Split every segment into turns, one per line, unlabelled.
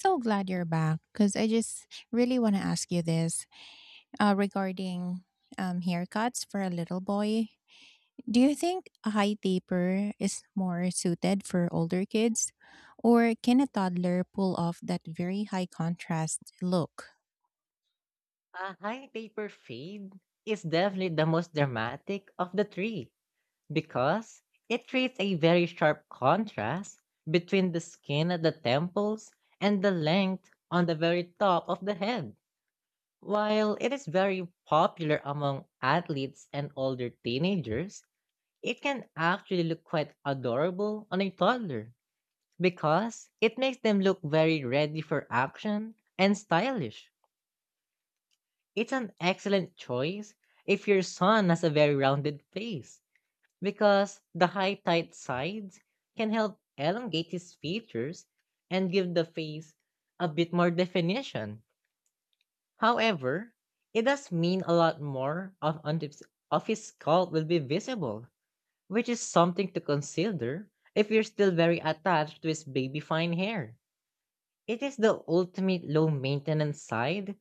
So glad you're back because I just really want to ask you this regarding haircuts for a little boy. Do you think a high taper is more suited for older kids, or can a toddler pull off that very high contrast look?
A high paper fade is definitely the most dramatic of the three because it creates a very sharp contrast between the skin at the temples and the length on the very top of the head. While it is very popular among athletes and older teenagers, it can actually look quite adorable on a toddler because it makes them look very ready for action and stylish. It's an excellent choice if your son has a very rounded face, because the high tight sides can help elongate his features and give the face a bit more definition. However, it does mean a lot more of his skull will be visible, which is something to consider if you're still very attached to his baby fine hair. It is the ultimate low maintenance side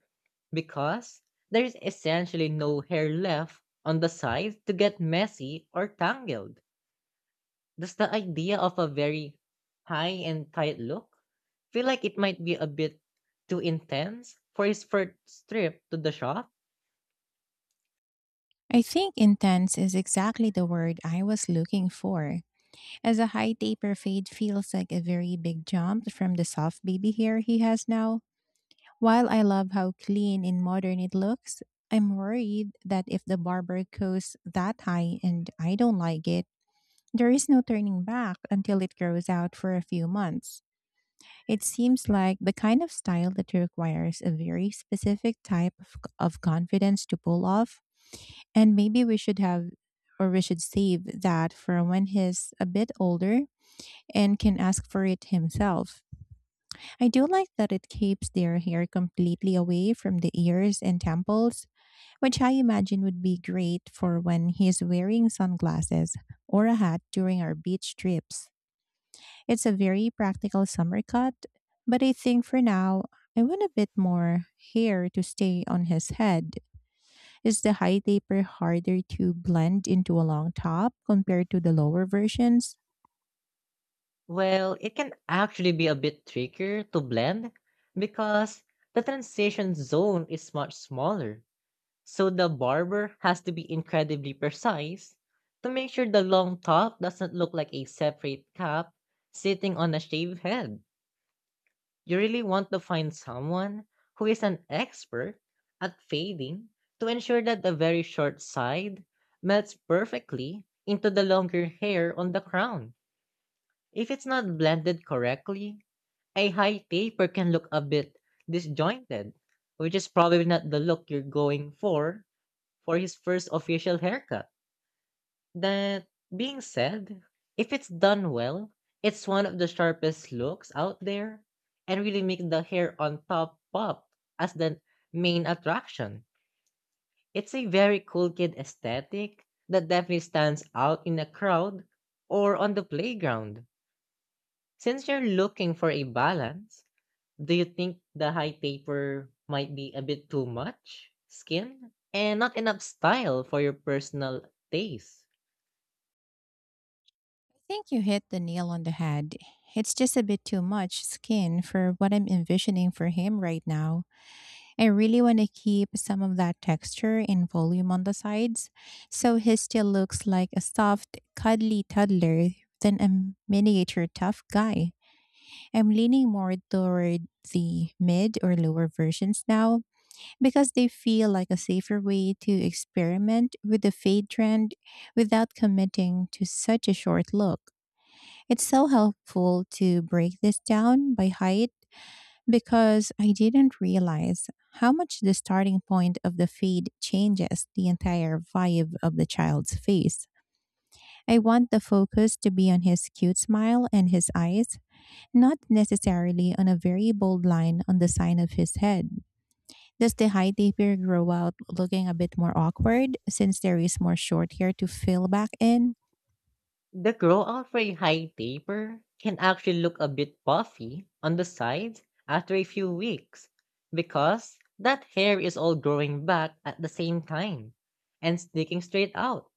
because there's essentially no hair left on the sides to get messy or tangled. Does the idea of a very high and tight look feel like it might be a bit too intense for his first trip to the shop?
I think intense is exactly the word I was looking for, as a high taper fade feels like a very big jump from the soft baby hair he has now. While I love how clean and modern it looks, I'm worried that if the barber goes that high and I don't like it, there is no turning back until it grows out for a few months. It seems like the kind of style that requires a very specific type of confidence to pull off, and maybe we should save that for when he's a bit older and can ask for it himself. I do like that it keeps their hair completely away from the ears and temples, which I imagine would be great for when he's wearing sunglasses or a hat during our beach trips. It's a very practical summer cut, but I think for now, I want a bit more hair to stay on his head. Is the high taper harder to blend into a long top compared to the lower versions?
Well, it can actually be a bit trickier to blend because the transition zone is much smaller. So the barber has to be incredibly precise to make sure the long top doesn't look like a separate cap sitting on a shaved head. You really want to find someone who is an expert at fading to ensure that the very short side melts perfectly into the longer hair on the crown. If it's not blended correctly, a high taper can look a bit disjointed, which is probably not the look you're going for his first official haircut. That being said, if it's done well, it's one of the sharpest looks out there and really make the hair on top pop as the main attraction. It's a very cool kid aesthetic that definitely stands out in a crowd or on the playground. Since you're looking for a balance, do you think the high taper might be a bit too much skin and not enough style for your personal taste?
I think you hit the nail on the head. It's just a bit too much skin for what I'm envisioning for him right now. I really want to keep some of that texture and volume on the sides, so he still looks like a soft, cuddly toddler than a miniature tough guy. I'm leaning more toward the mid or lower versions now because they feel like a safer way to experiment with the fade trend without committing to such a short look. It's so helpful to break this down by height because I didn't realize how much the starting point of the feed changes the entire vibe of the child's face. I want the focus to be on his cute smile and his eyes, not necessarily on a very bold line on the side of his head. Does the high taper grow out looking a bit more awkward since there is more short hair to fill back in?
The growout for a high taper can actually look a bit puffy on the sides after a few weeks because that hair is all growing back at the same time and sticking straight out.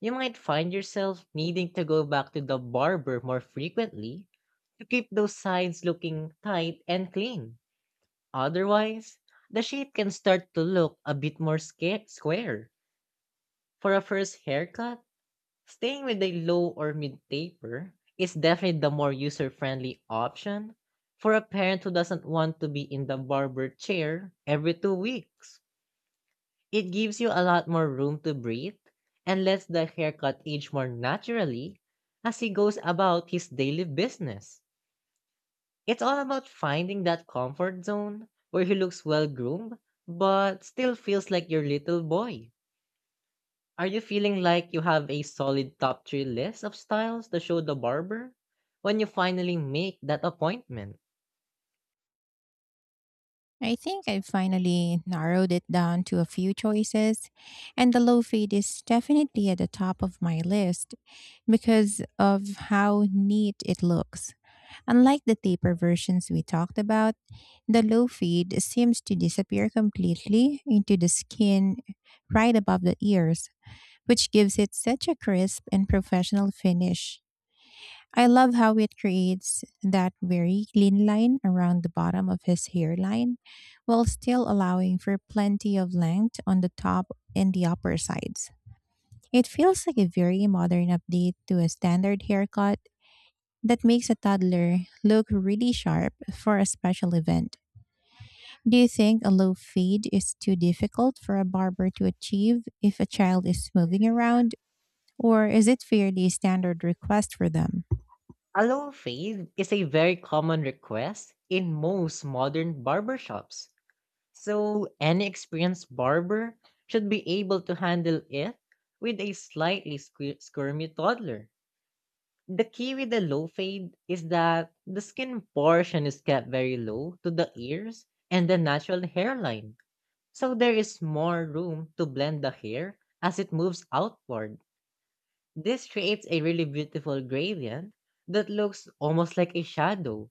You might find yourself needing to go back to the barber more frequently to keep those sides looking tight and clean. Otherwise, the shape can start to look a bit more square. For a first haircut, staying with a low or mid taper is definitely the more user friendly option for a parent who doesn't want to be in the barber chair every 2 weeks. It gives you a lot more room to breathe and lets the haircut age more naturally as he goes about his daily business. It's all about finding that comfort zone where he looks well groomed but still feels like your little boy. Are you feeling like you have a solid top three list of styles to show the barber? When you finally make that appointment,
I think I finally narrowed it down to a few choices, and the low fade is definitely at the top of my list because of how neat it looks. Unlike the taper versions we talked about, the low fade seems to disappear completely into the skin right above the ears, which gives it such a crisp and professional finish. I love how it creates that very clean line around the bottom of his hairline while still allowing for plenty of length on the top and the upper sides. It feels like a very modern update to a standard haircut that makes a toddler look really sharp for a special event. Do you think a low fade is too difficult for a barber to achieve if a child is moving around, or is it fairly standard request for them?
a low fade is a very common request in most modern barbershops. So, any experienced barber should be able to handle it with a slightly squirmy toddler. The key with the low fade is that the skin portion is kept very low to the ears and the natural hairline, so there is more room to blend the hair as it moves outward. This creates a really beautiful gradient that looks almost like a shadow,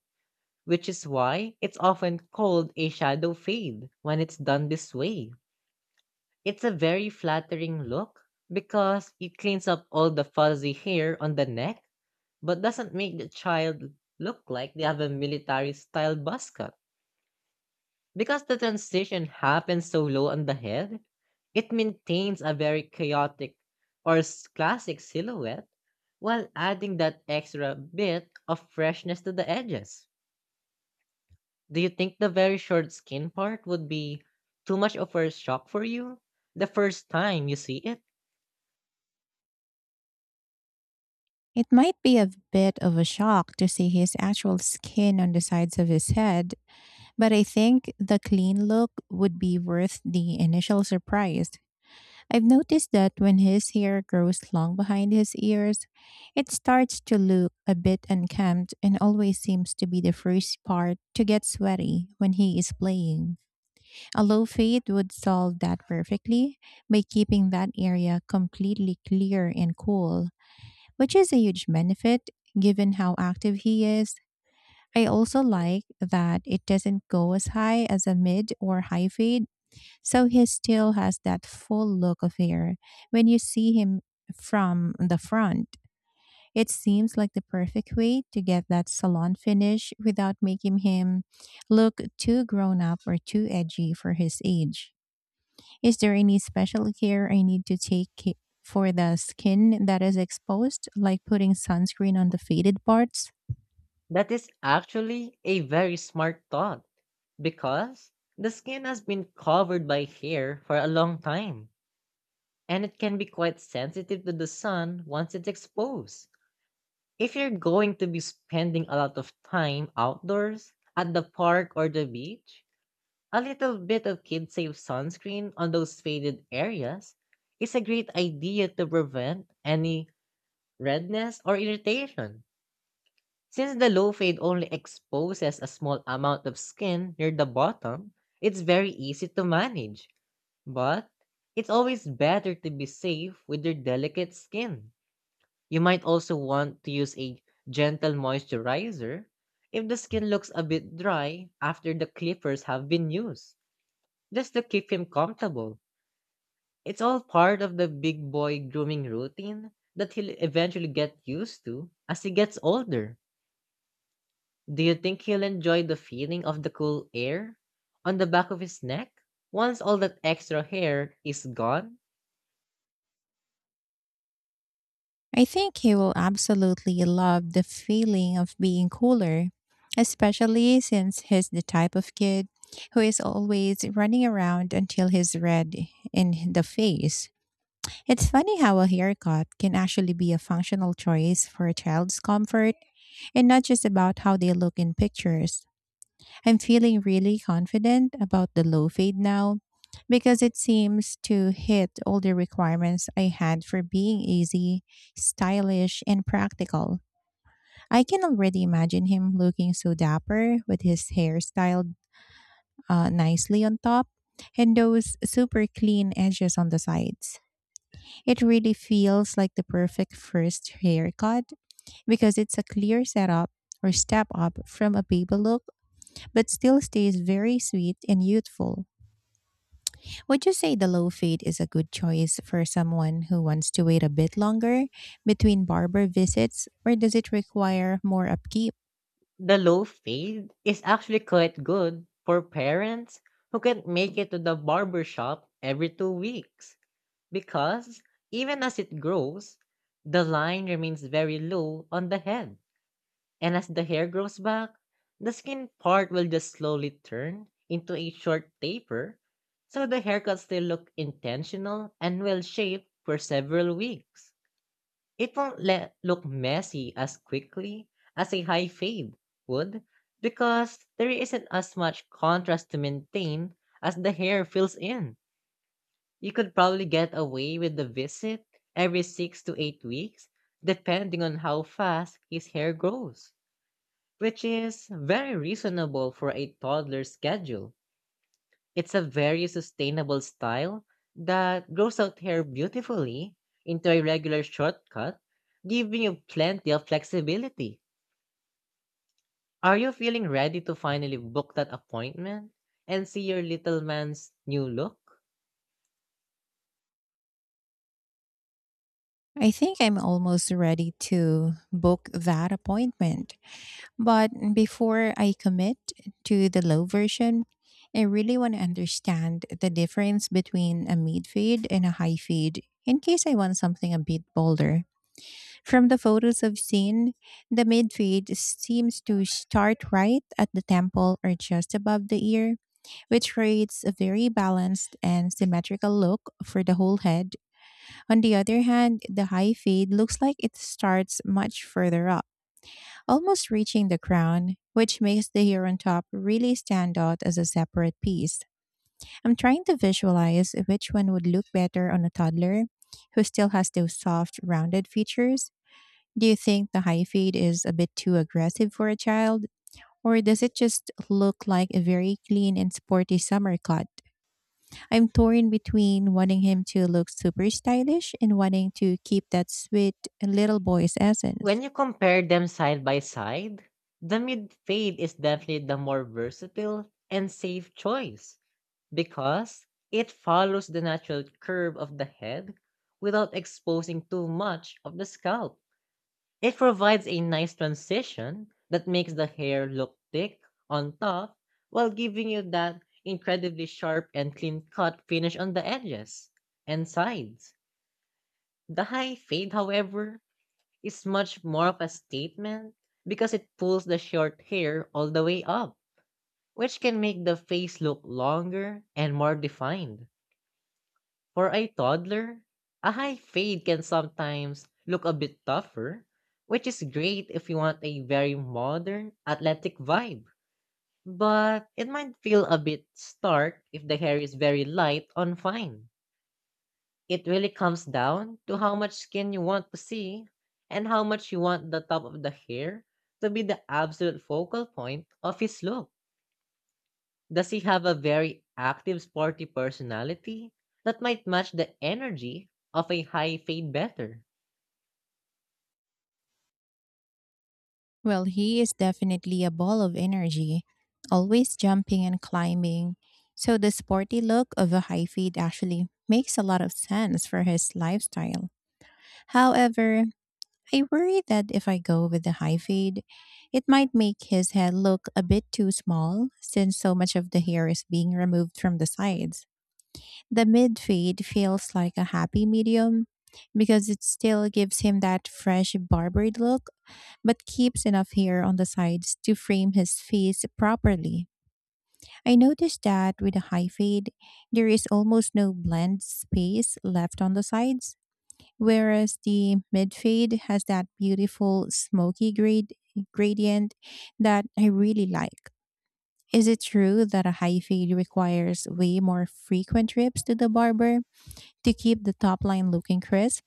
which is why it's often called a shadow fade when it's done this way. It's a very flattering look because it cleans up all the fuzzy hair on the neck but doesn't make the child look like they have a military style buzz cut. Because the transition happens so low on the head, it maintains a very chaotic or classic silhouette while adding that extra bit of freshness to the edges. Do you think the very short skin part would be too much of a shock for you the first time you see it?
It might be a bit of a shock to see his actual skin on the sides of his head, but I think the clean look would be worth the initial surprise. I've noticed that when his hair grows long behind his ears, it starts to look a bit unkempt and always seems to be the first part to get sweaty when he is playing. A low fade would solve that perfectly by keeping that area completely clear and cool, which is a huge benefit given how active he is. I also like that it doesn't go as high as a mid or high fade, so he still has that full look of hair when you see him from the front. It seems like the perfect way to get that salon finish without making him look too grown up or too edgy for his age. Is there any special care I need for the skin that is exposed, like putting sunscreen on the faded parts?
That is actually a very smart thought because the skin has been covered by hair for a long time and it can be quite sensitive to the sun once it's exposed. If you're going to be spending a lot of time outdoors, at the park or the beach, a little bit of kid safe sunscreen on those faded areas is a great idea to prevent any redness or irritation. Since the low fade only exposes a small amount of skin near the bottom, it's very easy to manage. But it's always better to be safe with your delicate skin. You might also want to use a gentle moisturizer if the skin looks a bit dry after the clippers have been used, just to keep him comfortable. It's all part of the big boy grooming routine that he'll eventually get used to as he gets older. Do you think he'll enjoy the feeling of the cool air on the back of his neck once all that extra hair is gone?
I think he will absolutely love the feeling of being cooler, especially since he's the type of kid who is always running around until he's red in the face. It's funny how a haircut can actually be a functional choice for a child's comfort and not just about how they look in pictures. I'm feeling really confident about the low fade now because it seems to hit all the requirements I had for being easy, stylish, and practical. I can already imagine him looking so dapper with his hair styled nicely on top and those super clean edges on the sides. It really feels like the perfect first haircut because it's a clear setup or step up from a baby look but still stays very sweet and youthful. Would you say the low fade is a good choice for someone who wants to wait a bit longer between barber visits, or does it require more upkeep?
The low fade is actually quite good for parents who can't make it to the barber shop every 2 weeks because even as it grows, the line remains very low on the head. And as the hair grows back, the skin part will just slowly turn into a short taper, so the haircut still look intentional and well shaped for several weeks. It won't look messy as quickly as a high fade would because there isn't as much contrast to maintain as the hair fills in. You could probably get away with the visit every 6 to 8 weeks, depending on how fast his hair grows, which is very reasonable for a toddler's schedule. It's a very sustainable style that grows out hair beautifully into a regular shortcut, giving you plenty of flexibility. Are you feeling ready to finally book that appointment and see your little man's new look?
I think I'm almost ready to book that appointment. But before I commit to the low version, I really want to understand the difference between a mid fade and a high fade in case I want something a bit bolder. From the photos I've seen, the midfield seems to start right at the temple or just above the ear, which creates a very balanced and symmetrical look for the whole head. On the other hand, the high fade looks like it starts much further up, almost reaching the crown, which makes the hair on top really stand out as a separate piece. I'm trying to visualize which one would look better on a toddler who still has those soft, rounded features. Do you think the high fade is a bit too aggressive for a child, or does it just look like a very clean and sporty summer cut? I'm torn between wanting him to look super stylish and wanting to keep that sweet little boy's
When
essence.
you compare them side by side, the mid fade is definitely the more versatile and safe choice because it follows the natural curve of the head without exposing too much of the scalp. It provides a nice transition that makes the hair look thick on top while giving you that incredibly sharp and clean cut finish on the edges and sides. The high fade, however, is much more of a statement because it pulls the short hair all the way up, which can make the face look longer and more defined. For a toddler, a high fade can sometimes look a bit tougher, which is great if you want a very modern, athletic vibe. But it might feel a bit stark if the hair is very light on fine. It really comes down to how much skin you want to see and how much you want the top of the hair to be the absolute focal point of his look. Does he have a very active sporty personality? That might match the energy of a high fade better.
Well, he is definitely a ball of energy, always jumping and climbing. So the sporty look of a high feed actually makes a lot of sense for his lifestyle. However, I worry that if I go with the high fade, it might make his head look a bit too small since so much of the hair is being removed from the sides. The mid fade feels like a happy medium because it still gives him that fresh barbered look but keeps enough hair on the sides to frame his face properly. I noticed that with a high fade, there is almost no blend space left on the sides, whereas the mid fade has that beautiful smoky grade gradient that I really like. Is it true that a high fade requires way more frequent trips to the barber to keep the top line looking crisp?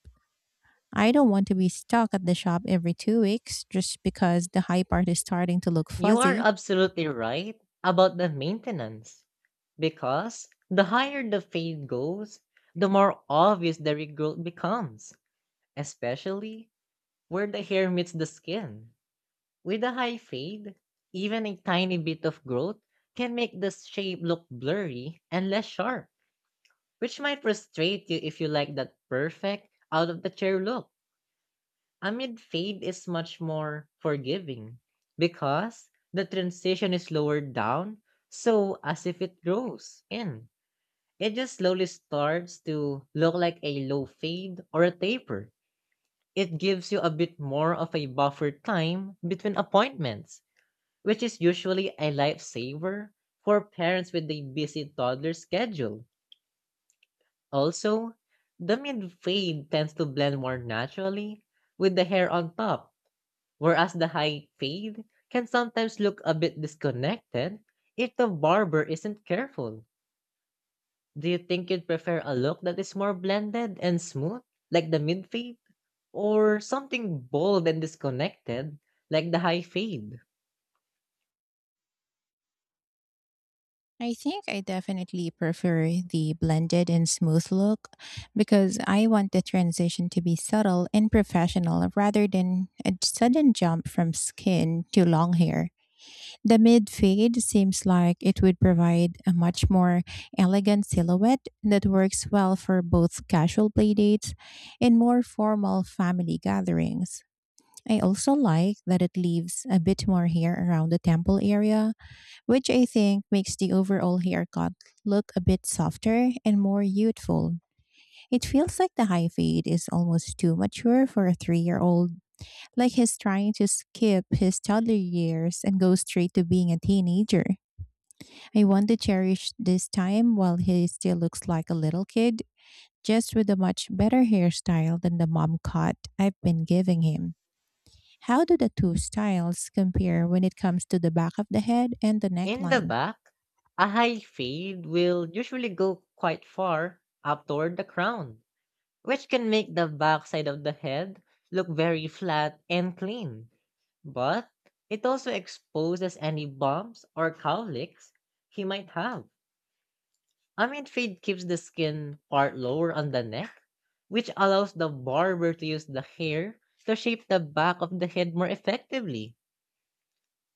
I don't want to be stuck at the shop every 2 weeks just because the high part is starting to look
You are
fuzzy.
absolutely right about the maintenance because the higher the fade goes, the more obvious the regrowth becomes, especially where the hair meets the skin. With a high fade, even a tiny bit of growth can make the shape look blurry and less sharp, which might frustrate you if you like that perfect, out of the chair look. Amid fade is much more forgiving because the transition is lowered down, so as if it grows in. It just slowly starts to look like a low fade or a taper. It gives you a bit more of a buffer time between appointments, which is usually a lifesaver for parents with a busy toddler schedule. Also, the mid fade tends to blend more naturally with the hair on top, whereas the high fade can sometimes look a bit disconnected if the barber isn't careful. Do you think you'd prefer a look that is more blended and smooth, like the mid fade, or something bold and disconnected, like the high fade?
I think I definitely prefer the blended and smooth look because I want the transition to be subtle and professional rather than a sudden jump from skin to long hair. The mid fade seems like it would provide a much more elegant silhouette that works well for both casual playdates and more formal family gatherings. I also like that it leaves a bit more hair around the temple area, which I think makes the overall haircut look a bit softer and more youthful. It feels like the high fade is almost too mature for a 3-year old, like he's trying to skip his toddler years and go straight to being a teenager. I want to cherish this time while he still looks like a little kid, just with a much better hairstyle than the mom cut I've been giving him. How do the two styles compare when it comes to the back of the head and the
In the
neckline?
back, a high fade will usually go quite far up toward the crown, which can make the backside of the head look very flat and clean. But it also exposes any bumps or cowlicks he might have. Amid fade keeps the skin part lower on the neck, which allows the barber to use the hair to shape the back of the head more effectively.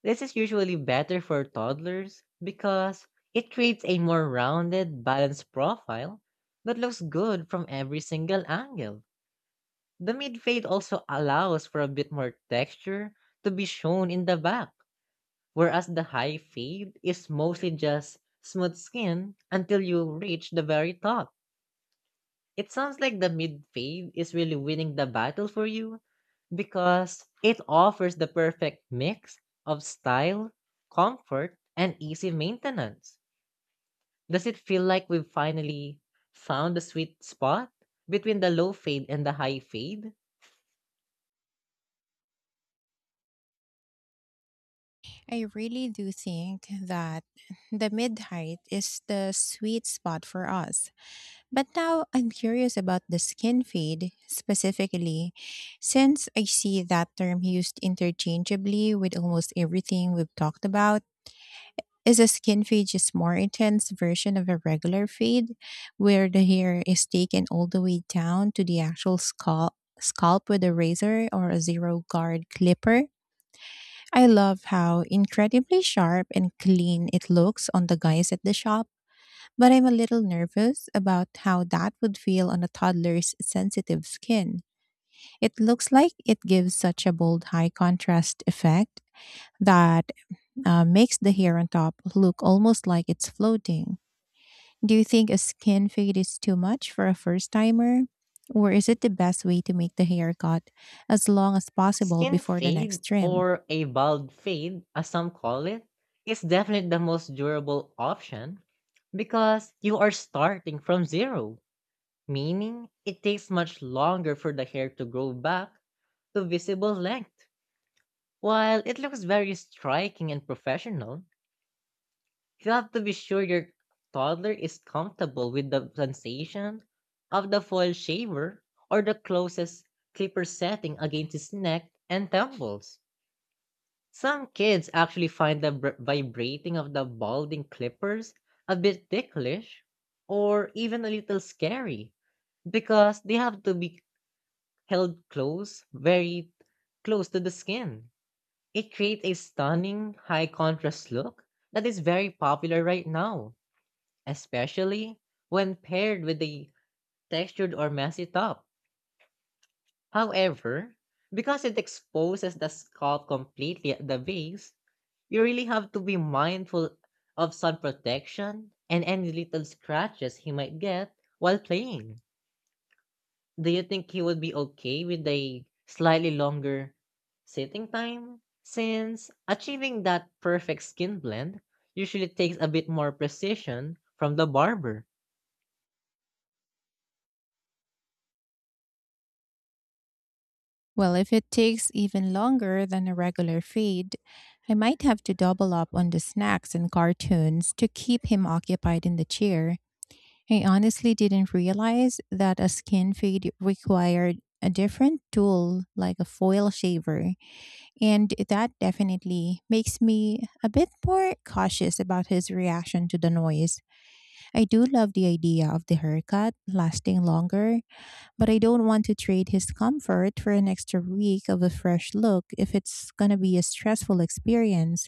This is usually better for toddlers because it creates a more rounded, balanced profile that looks good from every single angle. The mid fade also allows for a bit more texture to be shown in the back, whereas the high fade is mostly just smooth skin until you reach the very top. It sounds like the mid fade is really winning the battle for you because it offers the perfect mix of style, comfort, and easy maintenance. Does it feel like we've finally found the sweet spot between the low fade and the high fade?
I really do think that the mid height is the sweet spot for us. But now I'm curious about the skin fade specifically, since I see that term used interchangeably with almost everything we've talked about. Is a skin fade just more intense version of a regular fade, where the hair is taken all the way down to the actual scalp with a razor or a 0 guard clipper? I love how incredibly sharp and clean it looks on the guys at the shop, but I'm a little nervous about how that would feel on a toddler's sensitive skin. It looks like it gives such a bold high contrast effect that makes the hair on top look almost like it's floating. Do you think a skin fade is too much for a first timer? Or is it the best way to make the haircut as long as possible
Skin
before the
fade,
next trim?
or a bald fade, as some call it, is definitely the most durable option because you are starting from zero, meaning it takes much longer for the hair to grow back to visible length. While it looks very striking and professional, you have to be sure your toddler is comfortable with the sensation of the foil shaver or the closest clipper setting against his neck and temples. Some kids actually find the vibrating of the balding clippers a bit ticklish or even a little scary because they have to be held close, very close to the skin. It creates a stunning high contrast look that is very popular right now, especially when paired with a textured or messy top. However, because it exposes the scalp completely at the base, you really have to be mindful of sun protection and any little scratches he might get while playing. Do you think he would be okay with a slightly longer sitting time, since achieving that perfect skin blend usually takes a bit more precision from the barber?
Well, if it takes even longer than a regular feed, I might have to double up on the snacks and cartoons to keep him occupied in the chair. I honestly didn't realize that a skin feed required a different tool like a foil shaver, and that definitely makes me a bit more cautious about his reaction to the noise. I do love the idea of the haircut lasting longer, but I don't want to trade his comfort for an extra week of a fresh look if it's gonna be a stressful experience.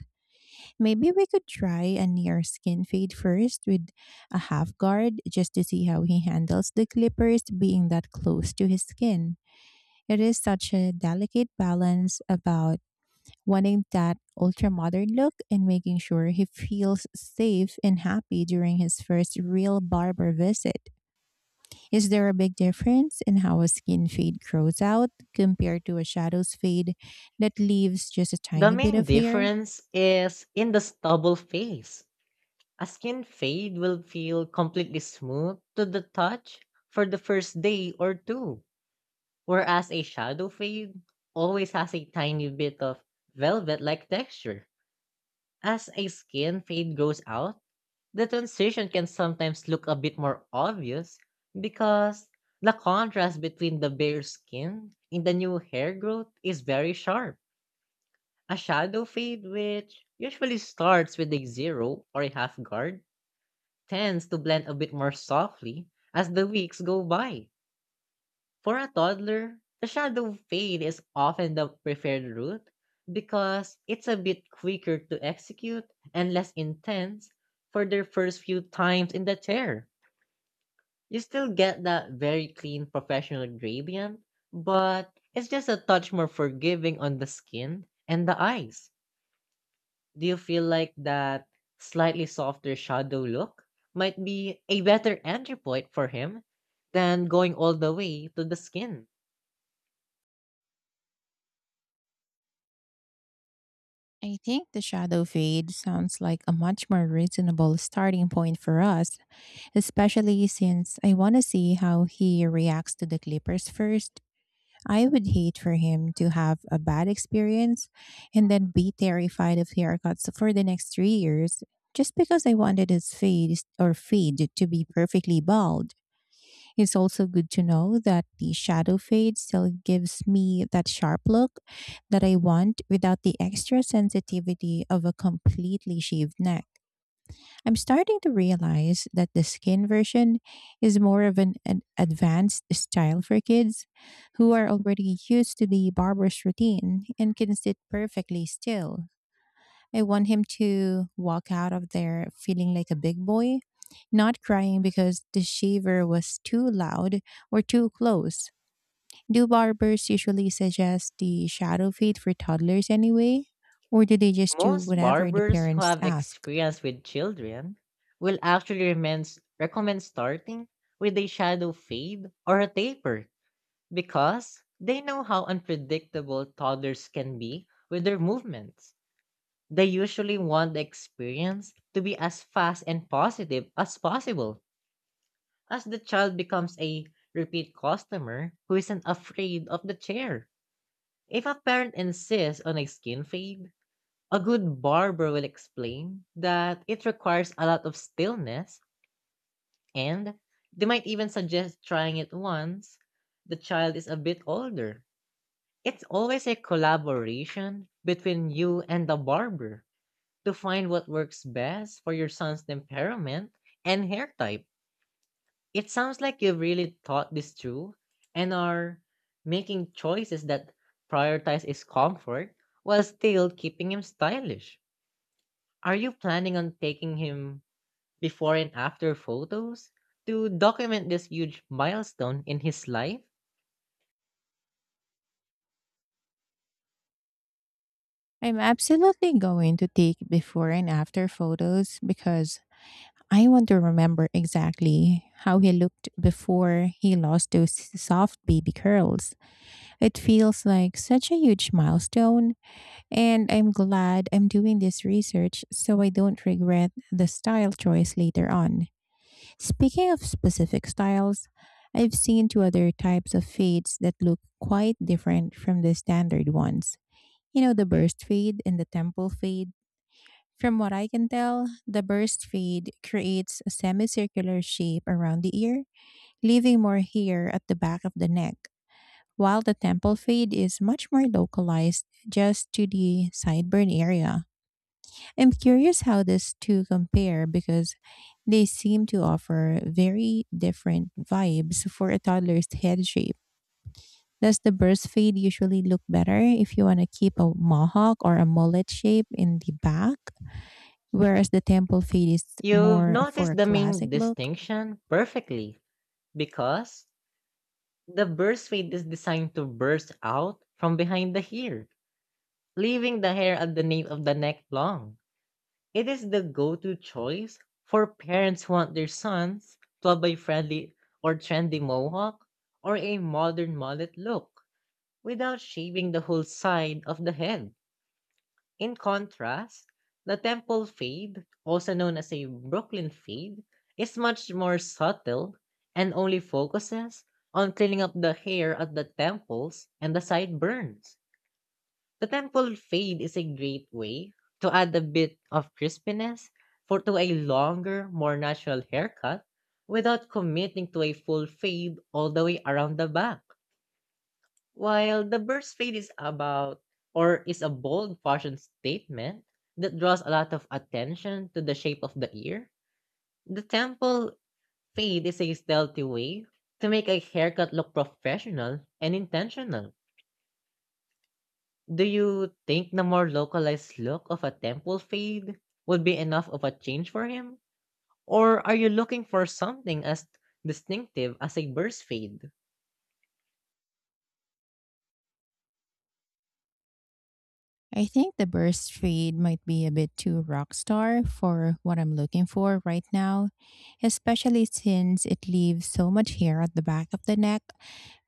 Maybe we could try a near skin fade first with a half guard just to see how he handles the clippers being that close to his skin. It is such a delicate balance about wanting that ultra modern look and making sure he feels safe and happy during his first real barber visit. Is there a big difference in how a skin fade grows out compared to a shadow's fade that leaves just a
The
tiny bit
main
of hair?
difference is in the stubble phase. A skin fade will feel completely smooth to the touch for the first day or two, whereas a shadow fade always has a tiny bit of velvet-like texture. As a skin fade goes out, the transition can sometimes look a bit more obvious because the contrast between the bare skin and the new hair growth is very sharp. A shadow fade, which usually starts with a zero or a half guard, tends to blend a bit more softly as the weeks go by. For a toddler, the shadow fade is often the preferred route because it's a bit quicker to execute and less intense for their first few times in the chair. You still get that very clean professional gradient, but it's just a touch more forgiving on the skin and the eyes. Do you feel like that slightly softer shadow look might be a better entry point for him than going all the way to the skin?
I think the shadow fade sounds like a much more reasonable starting point for us, especially since I want to see how he reacts to the clippers first. I would hate for him to have a bad experience and then be terrified of haircuts for the next 3 years just because I wanted his fade to be perfectly bald. It's also good to know that the shadow fade still gives me that sharp look that I want without the extra sensitivity of a completely shaved neck. I'm starting to realize that the skin version is more of an advanced style for kids who are already used to the barber's routine and can sit perfectly still. I want him to walk out of there feeling like a big boy, not crying because the shaver was too loud or too close. Do barbers usually suggest the shadow fade for toddlers anyway, or do they just do
Most
whatever the
barbers who
parents
have
ask?
experience with children will actually recommend starting with a shadow fade or a taper because they know how unpredictable toddlers can be with their movements. They usually want the experience to be as fast and positive as possible, as the child becomes a repeat customer who isn't afraid of the chair. If a parent insists on a skin fade, a good barber will explain that it requires a lot of stillness, and they might even suggest trying it once the child is a bit older. It's always a collaboration between you and the barber to find what works best for your son's temperament and hair type. It sounds like you've really thought this through and are making choices that prioritize his comfort while still keeping him stylish. Are you planning on taking him before and after photos to document this huge milestone in his life?
I'm absolutely going to take before and after photos because I want to remember exactly how he looked before he lost those soft baby curls. It feels like such a huge milestone, and I'm glad I'm doing this research so I don't regret the style choice later on. Speaking of specific styles, I've seen two other types of fades that look quite different from the standard ones, you know, the burst fade and the temple fade. From what I can tell, the burst fade creates a semicircular shape around the ear, leaving more hair at the back of the neck, while the temple fade is much more localized just to the sideburn area. I'm curious how these two compare because they seem to offer very different vibes for a toddler's head shape. Does the burst fade usually look better if you want to keep a mohawk or a mullet shape in the back, whereas the temple fade is
You've
more for a
noticed the main
classic look?
distinction perfectly, because the burst fade is designed to burst out from behind the ear, leaving the hair at the nape of the neck long. It is the go to choice for parents who want their sons to have a friendly or trendy mohawk or a modern mullet look without shaving the whole side of the head. In contrast, the temple fade, also known as a Brooklyn fade, is much more subtle and only focuses on cleaning up the hair at the temples and the sideburns. The temple fade is a great way to add a bit of crispiness for to a longer, more natural haircut without committing to a full fade all the way around the back. While the bird's fade is about or is a bold fashion statement that draws a lot of attention to the shape of the ear, the temple fade is a stealthy way to make a haircut look professional and intentional. Do you think the more localized look of a temple fade would be enough of a change for him? Or are you looking for something as distinctive as a bird's fade?
I think the burst fade might be a bit too rock star for what I'm looking for right now, especially since it leaves so much hair at the back of the neck,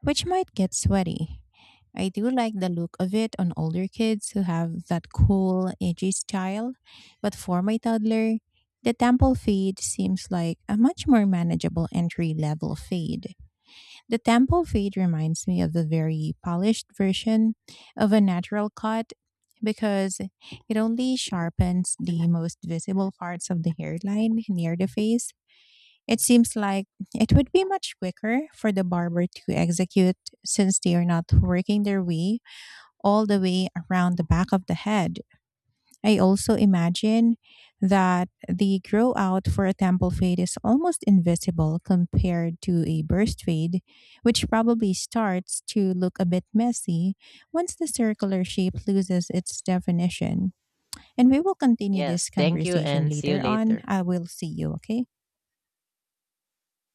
which might get sweaty. I do like the look of it on older kids who have that cool, edgy style, but for my toddler, the temple fade seems like a much more manageable entry level fade. The temple fade reminds me of the very polished version of a natural cut, because it only sharpens the most visible parts of the hairline near the face. It seems like it would be much quicker for the barber to execute since they are not working their way all the way around the back of the head. I also imagine that the grow out for a temple fade is almost invisible compared to a burst fade, which probably starts to look a bit messy once the circular shape loses its definition. And we will continue
Yes,
this
thank you,
conversation
and see you
later on.
later.
I will see you, okay?